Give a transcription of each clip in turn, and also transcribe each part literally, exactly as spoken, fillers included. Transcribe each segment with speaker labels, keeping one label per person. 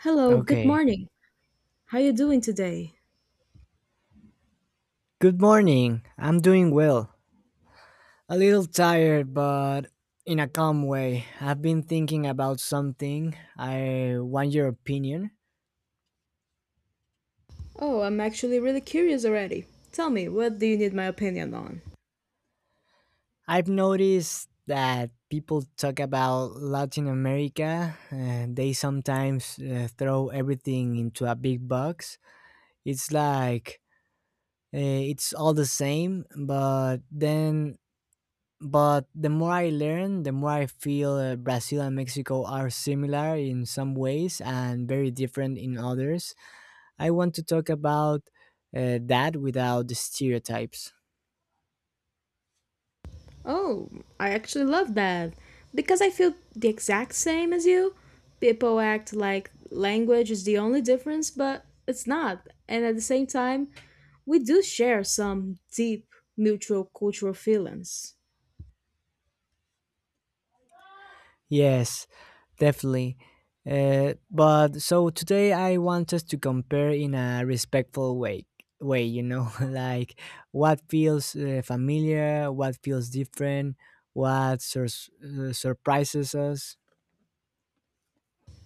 Speaker 1: Hello, good
Speaker 2: Okay.
Speaker 1: morning. How you doing today?
Speaker 2: Good morning. I'm doing well. A little tired, but in a calm way. I've been thinking about something. I want your opinion.
Speaker 1: Oh, I'm actually really curious already. Tell me, what do you need my opinion on?
Speaker 2: I've noticed that people talk about Latin America, and they sometimes uh, throw everything into a big box. It's like, uh, it's all the same, but then, But the more I learn, the more I feel, uh, Brazil and Mexico are similar in some ways and very different in others. I want to talk about uh, that without the stereotypes.
Speaker 1: Oh, I actually love that. Because I feel the exact same as you. People act like language is the only difference, but it's not. And at the same time, we do share some deep mutual cultural feelings.
Speaker 2: Yes, definitely. Uh, but so today I want us to compare in a respectful way. Way, you know, like what feels uh, familiar, what feels different, what sur- uh, surprises us.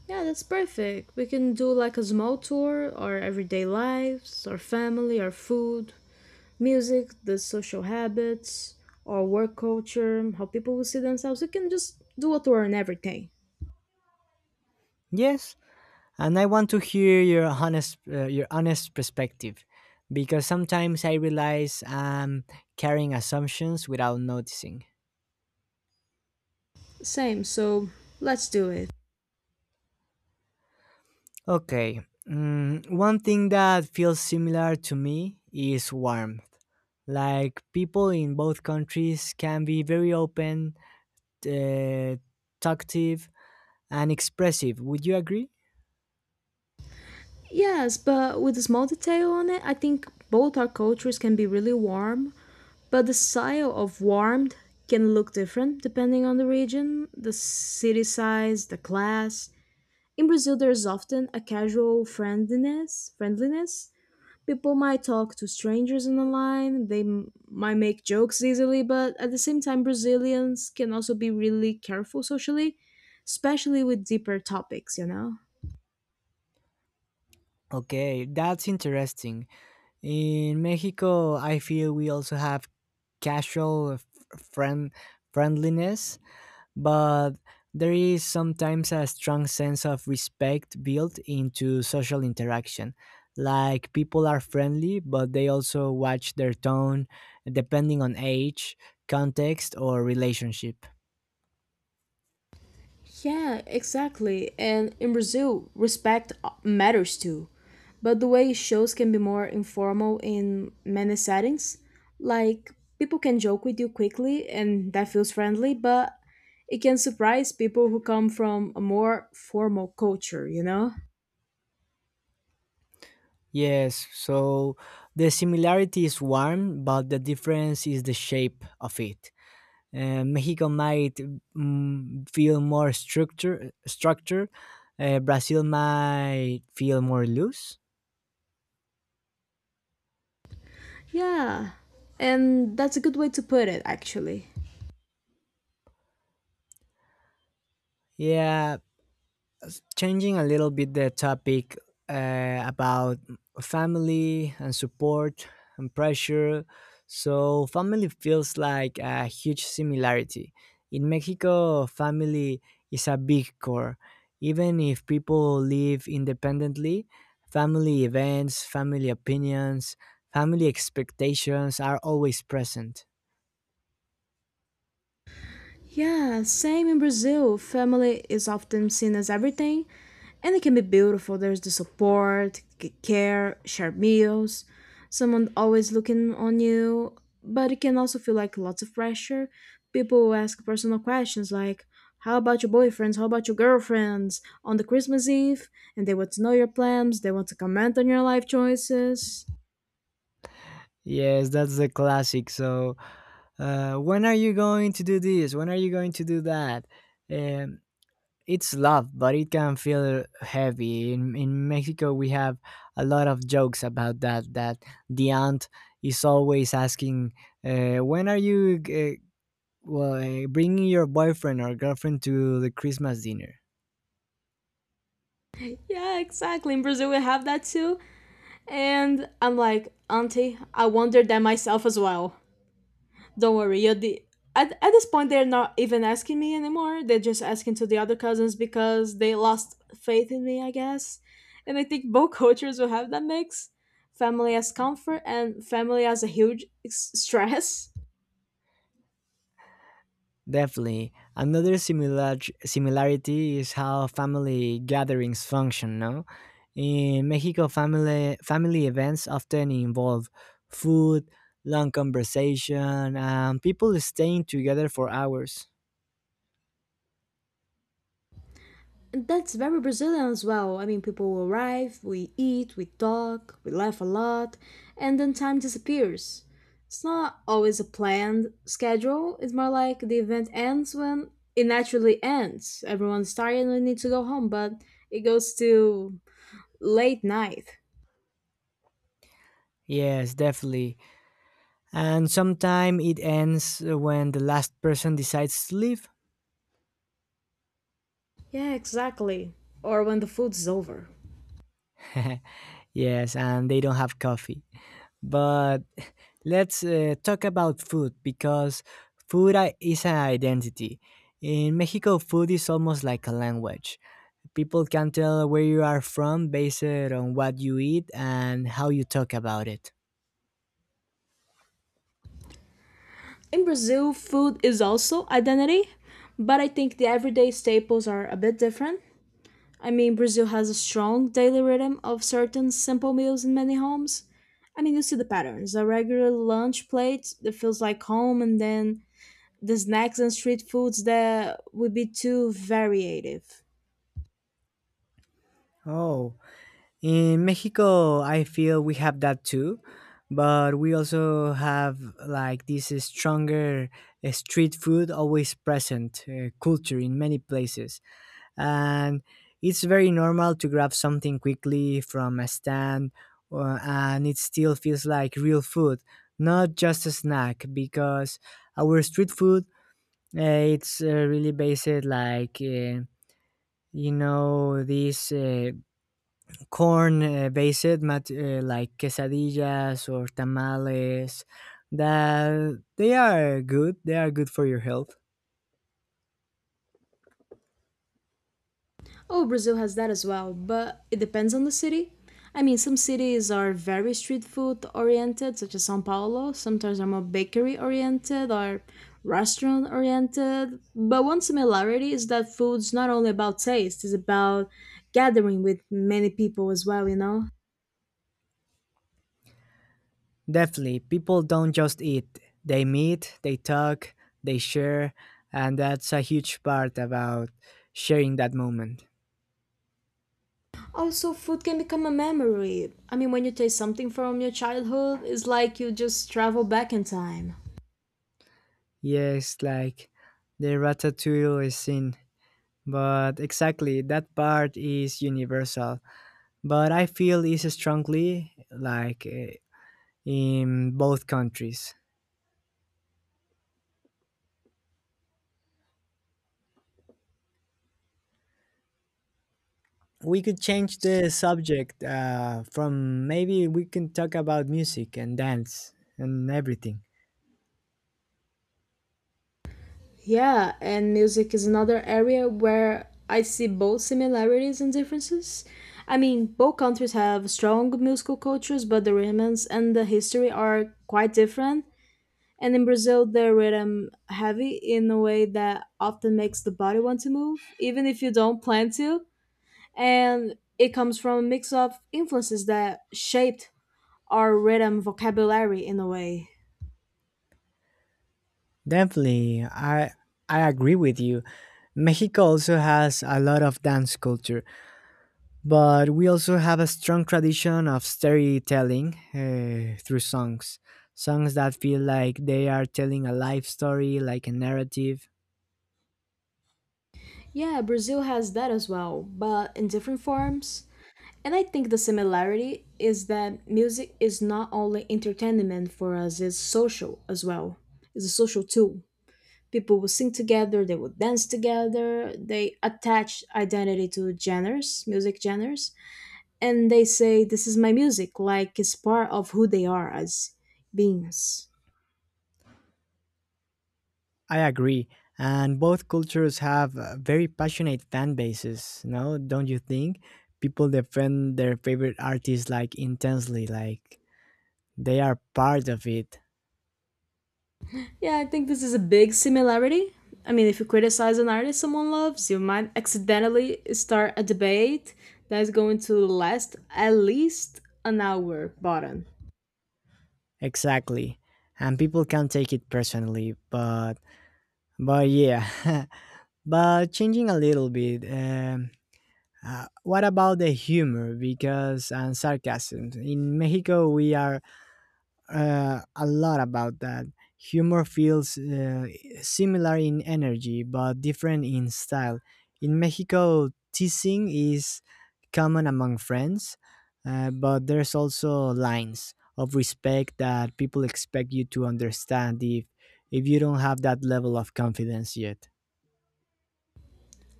Speaker 1: Yeah, that's perfect. We can do like a small tour, or everyday lives, or family, or food, music, the social habits, or work culture, how people will see themselves. We can just do a tour on everything.
Speaker 2: Yes, and I want to hear your honest uh, your honest perspective, because sometimes I realize I'm carrying assumptions without noticing.
Speaker 1: Same, so let's do it.
Speaker 2: Okay, mm, one thing that feels similar to me is warmth. Like people in both countries can be very open, uh, talkative, and expressive. Would you agree?
Speaker 1: Yes, but with a small detail on it, I think both our cultures can be really warm, but the style of warmed can look different depending on the region, the city size, the class. In Brazil, there's often a casual friendliness, friendliness People might talk to strangers in the line. They m- might make jokes easily, but at the same time, Brazilians can also be really careful socially, especially with deeper topics you know
Speaker 2: Okay, that's interesting. In Mexico, I feel we also have casual f- friend friendliness, but there is sometimes a strong sense of respect built into social interaction. Like people are friendly, but they also watch their tone depending on age, context, or relationship.
Speaker 1: Yeah, exactly. And in Brazil, respect uh, matters too, but the way it shows can be more informal in many settings. Like, people can joke with you quickly and that feels friendly, but it can surprise people who come from a more formal culture you know
Speaker 2: Yes, so the similarity is warm, but the difference is the shape of it. Uh, Mexico might, mm, feel more structure structure. Uh, Brazil might feel more loose.
Speaker 1: Yeah, and that's a good way to put it, actually.
Speaker 2: Yeah, changing a little bit the topic, uh, about family and support and pressure. So, family feels like a huge similarity. In Mexico, family is a big core. Even if people live independently, family events, family opinions, family expectations are always present.
Speaker 1: Yeah, same in Brazil. Family is often seen as everything, and it can be beautiful. There's the support, c- care, shared meals, someone always looking on you, but it can also feel like lots of pressure. People will ask personal questions like, how about your boyfriends? How about your girlfriends? On the Christmas Eve, and they want to know your plans, they want to comment on your life choices.
Speaker 2: Yes, that's the classic. So, uh, when are you going to do this? When are you going to do that? Um, It's love, but it can feel heavy. In in Mexico, we have a lot of jokes about that. That the aunt is always asking, uh, "When are you, uh, well, eh, bringing your boyfriend or girlfriend to the Christmas dinner?"
Speaker 1: Yeah, exactly. In Brazil, we have that too. And I'm like, Auntie, I wondered that myself as well. Don't worry, you're the. At, at this point, they're not even asking me anymore. They're just asking to the other cousins because they lost faith in me, I guess. And I think both cultures will have that mix, family as comfort and family as a huge s- stress.
Speaker 2: Definitely. Another similar similarity is how family gatherings function, no? In Mexico, family family events often involve food, long conversation, and people staying together for hours.
Speaker 1: That's very Brazilian as well. I mean, people arrive, we eat, we talk, we laugh a lot, and then time disappears. It's not always a planned schedule, it's more like the event ends when it naturally ends. Everyone's tired and we need to go home, but it goes to late night.
Speaker 2: Yes, definitely. And sometimes it ends when the last person decides to leave.
Speaker 1: Yeah, exactly. Or when the food's over.
Speaker 2: Yes, and they don't have coffee. But let's uh, talk about food, because food i- is an identity. In Mexico, food is almost like a language. People can tell where you are from based on what you eat and how you talk about it.
Speaker 1: In Brazil, food is also identity, but I think the everyday staples are a bit different. I mean, Brazil has a strong daily rhythm of certain simple meals in many homes. I mean, you see the patterns, a regular lunch plate that feels like home, and then the snacks and street foods that would be too variative.
Speaker 2: Oh, in Mexico, I feel we have that too, but we also have like this stronger uh, street food always present uh, culture in many places. And it's very normal to grab something quickly from a stand, uh, and it still feels like real food, not just a snack, because our street food, uh, it's uh, really based like, uh, you know these, uh, corn uh, based, mat- uh, like quesadillas or tamales, that they are good they are good for your health.
Speaker 1: Oh, Brazil has that as well, but it depends on the city. I mean, some cities are very street food oriented, such as São Paulo. Sometimes are more bakery oriented or restaurant oriented. But one similarity is that food's not only about taste, it's about gathering with many people as well, you know?
Speaker 2: Definitely, people don't just eat, they meet, they talk, they share, and that's a huge part about sharing that moment.
Speaker 1: Also, food can become a memory. I mean, when you taste something from your childhood, it's like you just travel back in time.
Speaker 2: Yes, like the ratatouille is in, but exactly, that part is universal. But I feel is strongly like, eh, in both countries. We could change the subject, uh, from maybe we can talk about music and dance and everything.
Speaker 1: Yeah, and music is another area where I see both similarities and differences. I mean, both countries have strong musical cultures, but the rhythms and the history are quite different. And in Brazil, the rhythm heavy in a way that often makes the body want to move, even if you don't plan to. And it comes from a mix of influences that shaped our rhythm vocabulary in a way.
Speaker 2: Definitely, I I agree with you. Mexico also has a lot of dance culture, but we also have a strong tradition of storytelling, eh, through songs. Songs that feel like they are telling a life story, like a narrative.
Speaker 1: Yeah, Brazil has that as well, but in different forms. And I think the similarity is that music is not only entertainment for us, it's social as well. It's a social tool. People will sing together, they will dance together, they attach identity to genres, music genres, and they say, this is my music, like it's part of who they are as beings.
Speaker 2: I agree. And both cultures have uh, very passionate fan bases, no? Don't you think? People defend their favorite artists like intensely, like they are part of it.
Speaker 1: Yeah, I think this is a big similarity. I mean, if you criticize an artist someone loves, you might accidentally start a debate that's going to last at least an hour, bottom.
Speaker 2: Exactly. And people can take it personally, but but yeah, but changing a little bit. Um, uh, what about the humor? Because, and sarcasm, in Mexico we are uh, a lot about that. Humor feels uh, similar in energy but different in style. In Mexico, teasing is common among friends, uh, but there's also lines of respect that people expect you to understand, if if you don't have that level of confidence yet.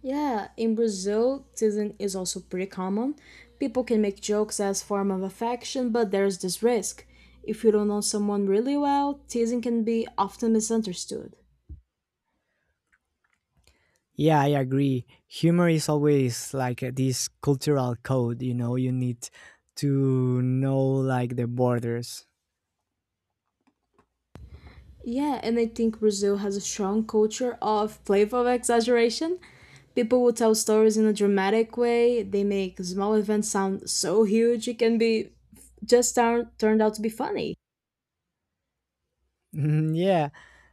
Speaker 1: Yeah, in Brazil, teasing is also pretty common. People can make jokes as form of affection, but there's this risk. If you don't know someone really well, teasing can be often misunderstood.
Speaker 2: Yeah, I agree. Humor is always like, uh, this cultural code, you know, you need to know like the borders.
Speaker 1: Yeah, and I think Brazil has a strong culture of playful exaggeration. People will tell stories in a dramatic way. They make small events sound so huge it can be just turn, turned out to be funny.
Speaker 2: Yeah,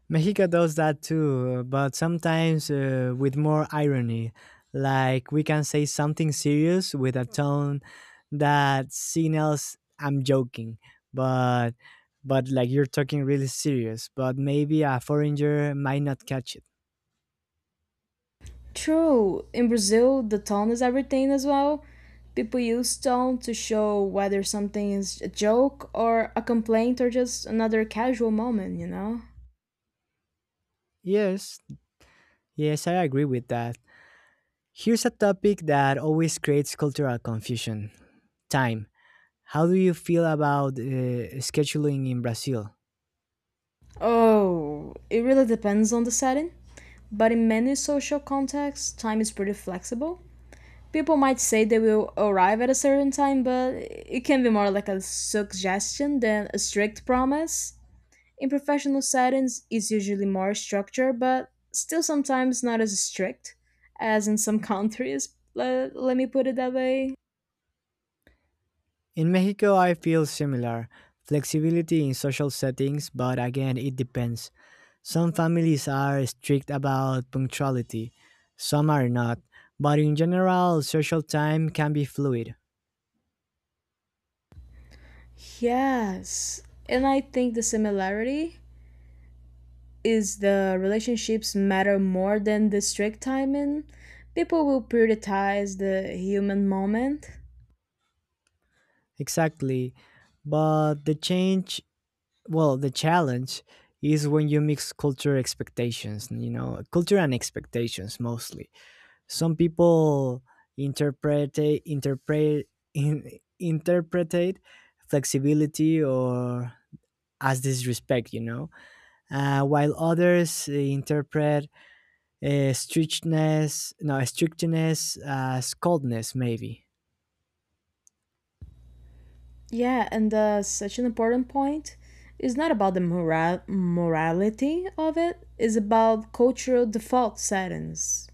Speaker 2: Mexico does that too, but sometimes, uh, with more irony. Like we can say something serious with a tone that signals I'm joking, but but like you're talking really serious, but maybe a foreigner might not catch it.
Speaker 1: True. In Brazil, the tone is everything as well. People use tone to show whether something is a joke or a complaint or just another casual moment, you know?
Speaker 2: Yes, yes, I agree with that. Here's a topic that always creates cultural confusion: time. How do you feel about, uh, scheduling in Brazil?
Speaker 1: Oh, it really depends on the setting. But in many social contexts, time is pretty flexible. People might say they will arrive at a certain time, but it can be more like a suggestion than a strict promise. In professional settings, it's usually more structured, but still sometimes not as strict as in some countries. Let, let me put it that way.
Speaker 2: In Mexico, I feel similar flexibility in social settings, but again, it depends. Some families are strict about punctuality, some are not, but in general, social time can be fluid.
Speaker 1: Yes. And I think the similarity is the relationships matter more than the strict timing. People will prioritize the human moment.
Speaker 2: Exactly. But the change, well, the challenge is when you mix culture expectations, you know, culture and expectations mostly. Some people interpret interpret in, interpretate flexibility, or as disrespect, you know uh, while others interpret, uh, strictness, no, strictness as coldness maybe.
Speaker 1: Yeah, and uh, such an important point is not about the moral morality of it, it's about cultural default settings.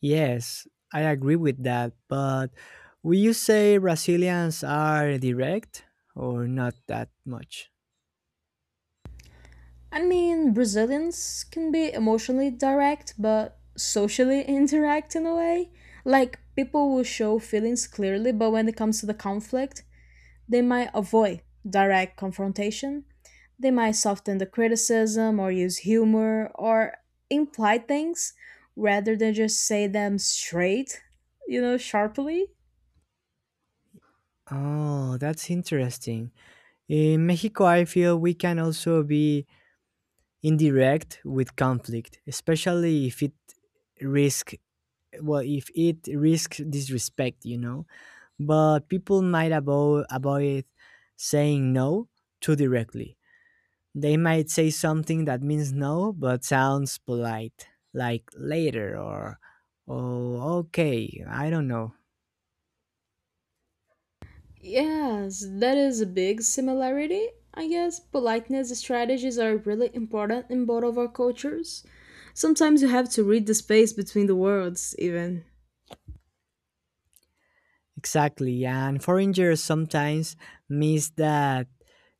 Speaker 2: Yes, I agree with that, but will you say Brazilians are direct, or not that much?
Speaker 1: I mean, Brazilians can be emotionally direct, but socially indirect in a way. Like, people will show feelings clearly, but when it comes to the conflict, they might avoid direct confrontation, they might soften the criticism or use humor or imply things rather than just say them straight, you know, sharply.
Speaker 2: Oh, that's interesting. In Mexico, I feel we can also be indirect with conflict, especially if it risk well if it risks disrespect, you know. But people might avo- avoid saying no too directly. They might say something that means no but sounds polite, like "later," or "oh, okay, I don't know."
Speaker 1: Yes, that is a big similarity. I guess politeness strategies are really important in both of our cultures. Sometimes you have to read the space between the words, even.
Speaker 2: Exactly, and foreigners sometimes miss that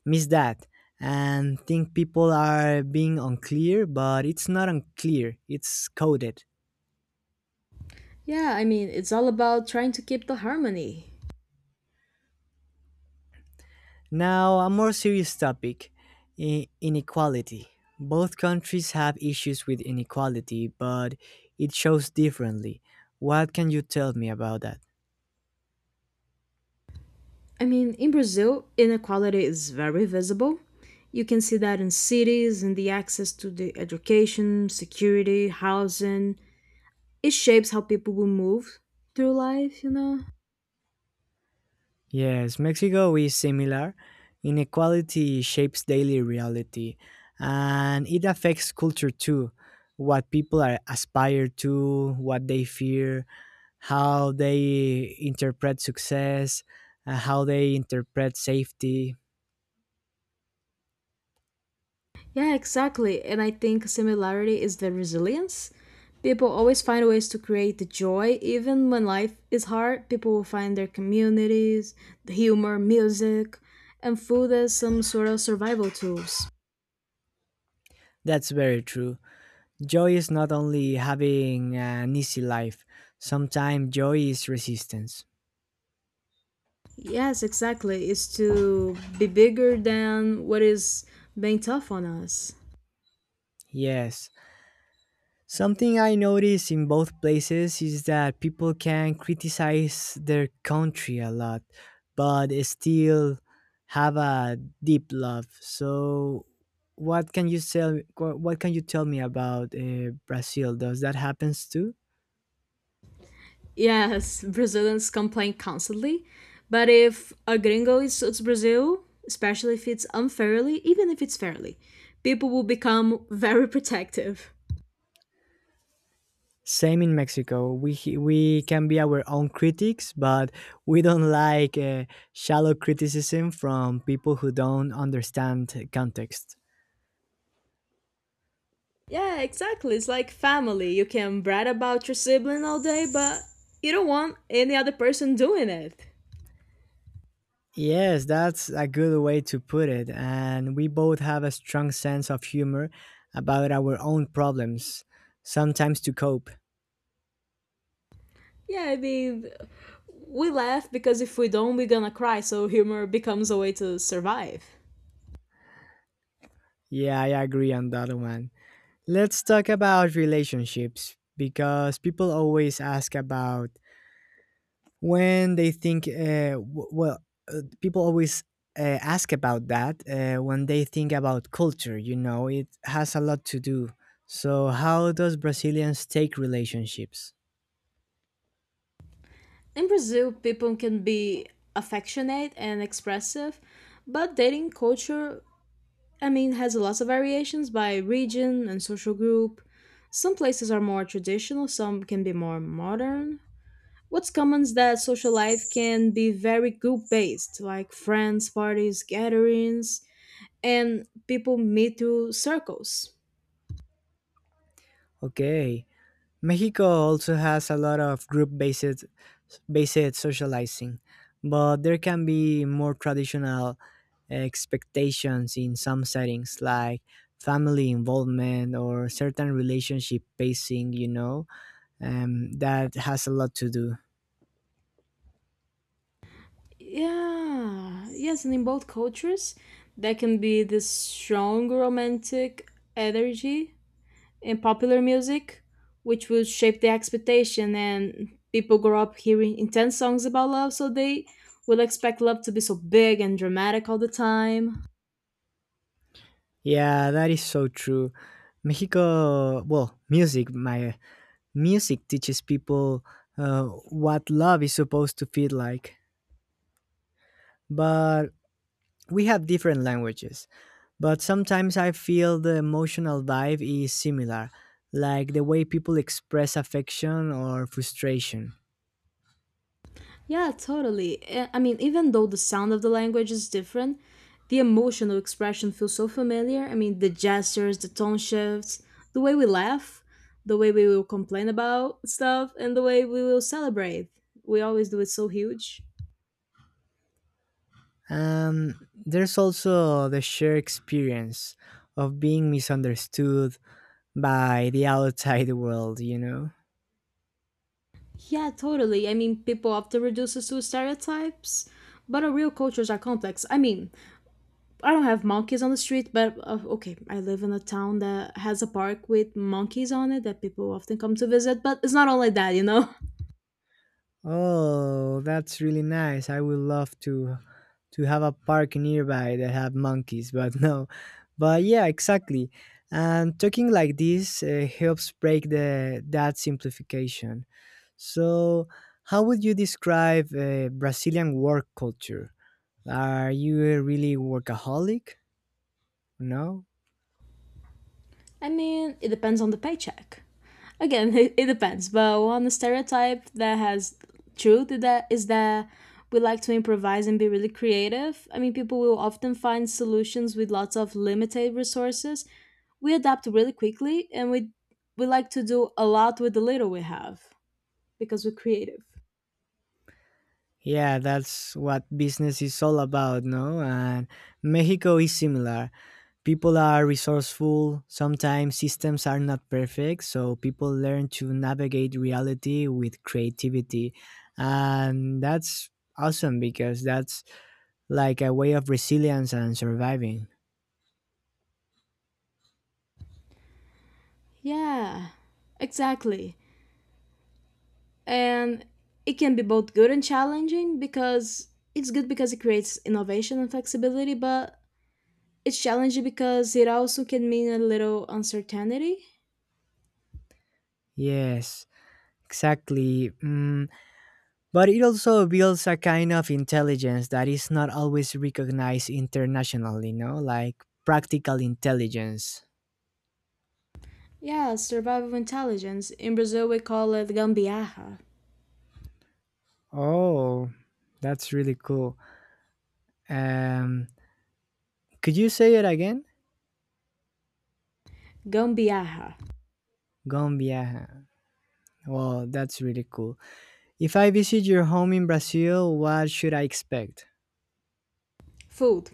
Speaker 2: miss that and think people are being unclear, but it's not unclear, it's coded.
Speaker 1: Yeah, I mean, it's all about trying to keep the harmony.
Speaker 2: Now, a more serious topic, i- inequality. Both countries have issues with inequality, but it shows differently. What can you tell me about that?
Speaker 1: I mean, in Brazil, inequality is very visible. You can see that in cities and the access to the education, security, housing. It shapes how people will move through life, you know?
Speaker 2: Yes, Mexico is similar. Inequality shapes daily reality, and it affects culture too. What people are aspire to, what they fear, how they interpret success, uh, how they interpret safety.
Speaker 1: Yeah, exactly. And I think similarity is the resilience. People always find ways to create the joy. Even when life is hard, people will find their communities, the humor, music, and food as some sort of survival tools.
Speaker 2: That's very true. Joy is not only having uh, an easy life, sometimes joy is resistance.
Speaker 1: Yes, exactly. It's to be bigger than what is being tough on us.
Speaker 2: Yes. Something I notice in both places is that people can criticize their country a lot, but still have a deep love. So, what can you tell? What can you tell me about, uh, Brazil? Does that happens too?
Speaker 1: Yes, Brazilians complain constantly, but if a gringo insults Brazil, especially if it's unfairly, even if it's fairly, people will become very protective.
Speaker 2: Same in Mexico. We he- we can be our own critics, but we don't like, uh, shallow criticism from people who don't understand context.
Speaker 1: Yeah, exactly. It's like family. You can brag about your sibling all day, but you don't want any other person doing it.
Speaker 2: Yes, that's a good way to put it. And we both have a strong sense of humor about our own problems, sometimes to cope.
Speaker 1: Yeah, I mean, we laugh because if we don't, we're gonna cry, so humor becomes a way to survive.
Speaker 2: Yeah, I agree on that one. Let's talk about relationships, because people always ask about, when they think, uh, w- well, uh, people always uh, ask about that, uh, when they think about culture, you know, it has a lot to do. So, how does Brazilians take relationships?
Speaker 1: In Brazil, people can be affectionate and expressive, but dating culture, I mean, has lots of variations by region and social group. Some places are more traditional, some can be more modern. What's common is that social life can be very group based, like friends, parties, gatherings, and people meet through circles.
Speaker 2: Okay. Mexico also has a lot of group based based socializing, but there can be more traditional expectations in some settings, like family involvement or certain relationship pacing, you know um, that has a lot to do.
Speaker 1: Yeah, yes, and in both cultures, there can be this strong romantic energy in popular music, which will shape the expectation, and people grow up hearing intense songs about love, so they will expect love to be so big and dramatic all the time.
Speaker 2: Yeah, that is so true. Mexico, well, music, my music teaches people uh, what love is supposed to feel like. But we have different languages. But sometimes I feel the emotional vibe is similar, like the way people express affection or frustration.
Speaker 1: Yeah, totally. Eh, I mean, even though the sound of the language is different, the emotional expression feels so familiar. I mean, the gestures, the tone shifts, the way we laugh, the way we will complain about stuff, and the way we will celebrate. We always do it so huge.
Speaker 2: Um, there's also the shared experience of being misunderstood by the outside world, you know.
Speaker 1: Yeah, totally. I mean, people often reduce us to stereotypes, but our real cultures are complex. I mean, I don't have monkeys on the street, but uh, okay, I live in a town that has a park with monkeys on it that people often come to visit, but it's not all like that, you know?
Speaker 2: Oh, that's really nice. I would love to to have a park nearby that have monkeys, but no. But yeah, exactly. And talking like this uh, helps break the that simplification. So, how would you describe, uh, Brazilian work culture? Are you a really workaholic? No.
Speaker 1: I mean, it depends on the paycheck. Again, it, it depends, but one stereotype that has truth is that is that we like to improvise and be really creative. I mean, people will often find solutions with lots of limited resources. We adapt really quickly and we we like to do a lot with the little we have because we're creative.
Speaker 2: Yeah, that's what business is all about, no? And Mexico is similar. People are resourceful. Sometimes systems are not perfect, so people learn to navigate reality with creativity. And that's awesome, because that's like a way of resilience and surviving.
Speaker 1: Yeah, exactly. And it can be both good and challenging because it's good because it creates innovation and flexibility, but it's challenging because it also can mean a little uncertainty.
Speaker 2: Yes, exactly. Mm. But it also builds a kind of intelligence that is not always recognized internationally, You know, Like practical intelligence.
Speaker 1: Yeah, survival intelligence. In Brazil, we call it gambiarra.
Speaker 2: Oh, that's really cool. Um, could you say it again?
Speaker 1: Gambiarra.
Speaker 2: Gombiaja. Well, that's really cool. If I visit your home in Brazil, what should I expect?
Speaker 1: Food.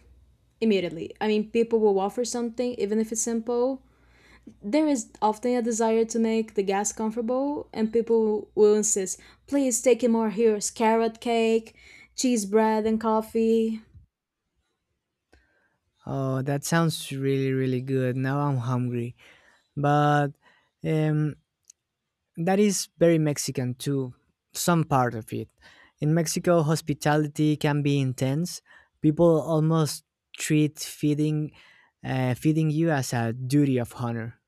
Speaker 1: Immediately. I mean, people will offer something, even if it's simple. There is often a desire to make the guests comfortable, and people will insist, please take it, more here, carrot cake, cheese bread, and coffee.
Speaker 2: Oh, that sounds really, really good. Now I'm hungry. But, um, that is very Mexican too, some part of it. In Mexico, hospitality can be intense. People almost treat feeding, uh, feeding you as a duty of honor.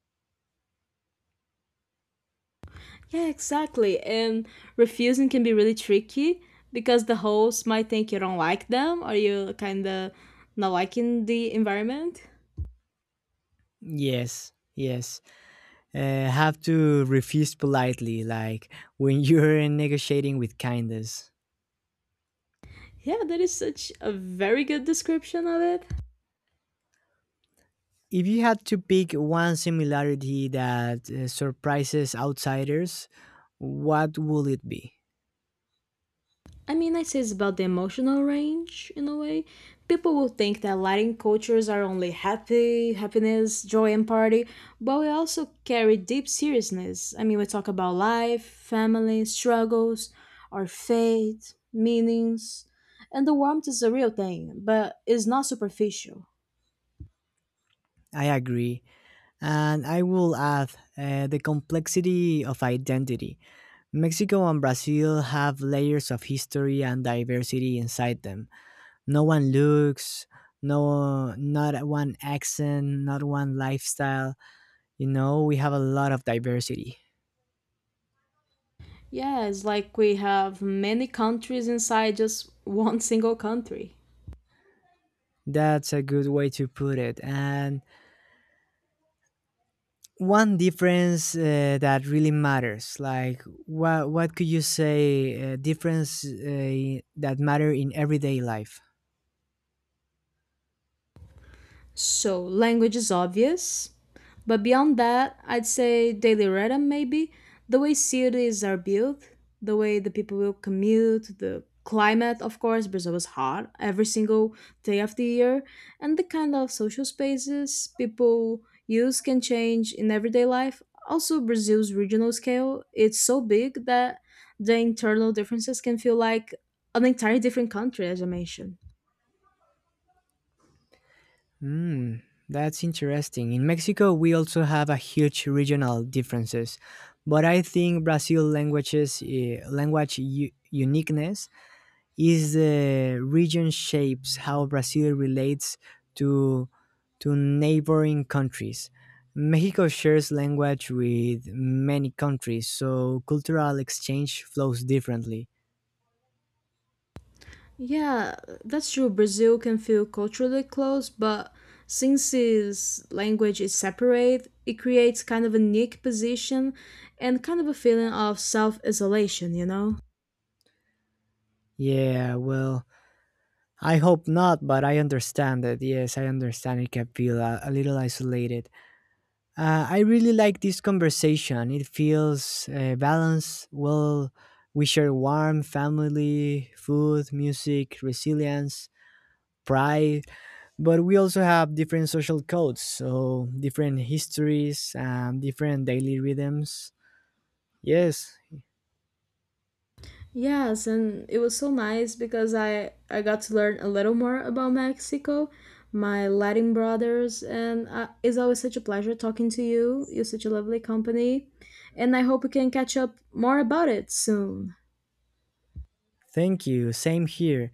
Speaker 1: Yeah, exactly. And refusing can be really tricky because the host might think you don't like them or you kind of not liking the environment.
Speaker 2: Yes, yes. uh, have to refuse politely, like when you're negotiating with kindness.
Speaker 1: Yeah, that is such a very good description of it.
Speaker 2: If you had to pick one similarity that uh, surprises outsiders, what will it be?
Speaker 1: I mean, I say it's about the emotional range in a way. People will think that Latin cultures are only happy, happiness, joy, and party, but we also carry deep seriousness. I mean, we talk about life, family, struggles, our faith, meanings, and the warmth is a real thing, but it's not superficial.
Speaker 2: I agree. And I will add, uh, the complexity of identity. Mexico and Brazil have layers of history and diversity inside them. No one looks, no, not one accent, not one lifestyle. You know, we have a lot of diversity.
Speaker 1: Yeah, it's like we have many countries inside just one single country.
Speaker 2: That's a good way to put it. And one difference, uh, that really matters, like what what could you say, uh, difference, uh, that matter in everyday life?
Speaker 1: So language is obvious, but beyond that, I'd say daily rhythm maybe the way cities are built, the way the people will commute, the climate, of course, Brazil is hot every single day of the year, and the kind of social spaces people use can change in everyday life. Also, Brazil's regional scale it's so big that the internal differences can feel like an entirely different country, as I mentioned.
Speaker 2: Hmm, that's interesting. In Mexico, we also have a huge regional differences, but I think Brazil languages, uh, language u- uniqueness, is the region shapes how Brazil relates to to neighboring countries. Mexico shares language with many countries, so cultural exchange flows differently.
Speaker 1: Yeah, that's true. Brazil can feel culturally close, but since its language is separate, it creates kind of a unique position and kind of a feeling of self isolation, you know?
Speaker 2: Yeah, well, I hope not, but I understand it. Yes, I understand it can feel a, a little isolated. Uh, I really like this conversation. It feels uh, balanced. Well, we share warm family, food, music, resilience, pride, but we also have different social codes, so different histories, um, different daily rhythms. Yes.
Speaker 1: Yes, and it was so nice because I, I got to learn a little more about Mexico, my Latin brothers, and uh, it's always such a pleasure talking to you. You're such a lovely company, and I hope we can catch up more about it soon.
Speaker 2: Thank you, same here.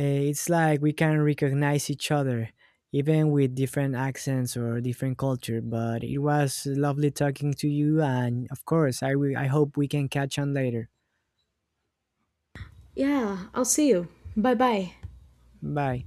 Speaker 2: Uh, it's like we can recognize each other even with different accents or different culture, but it was lovely talking to you, and of course, i, will, I hope we can catch on later.
Speaker 1: Yeah, I'll see you. Bye bye.
Speaker 2: Bye.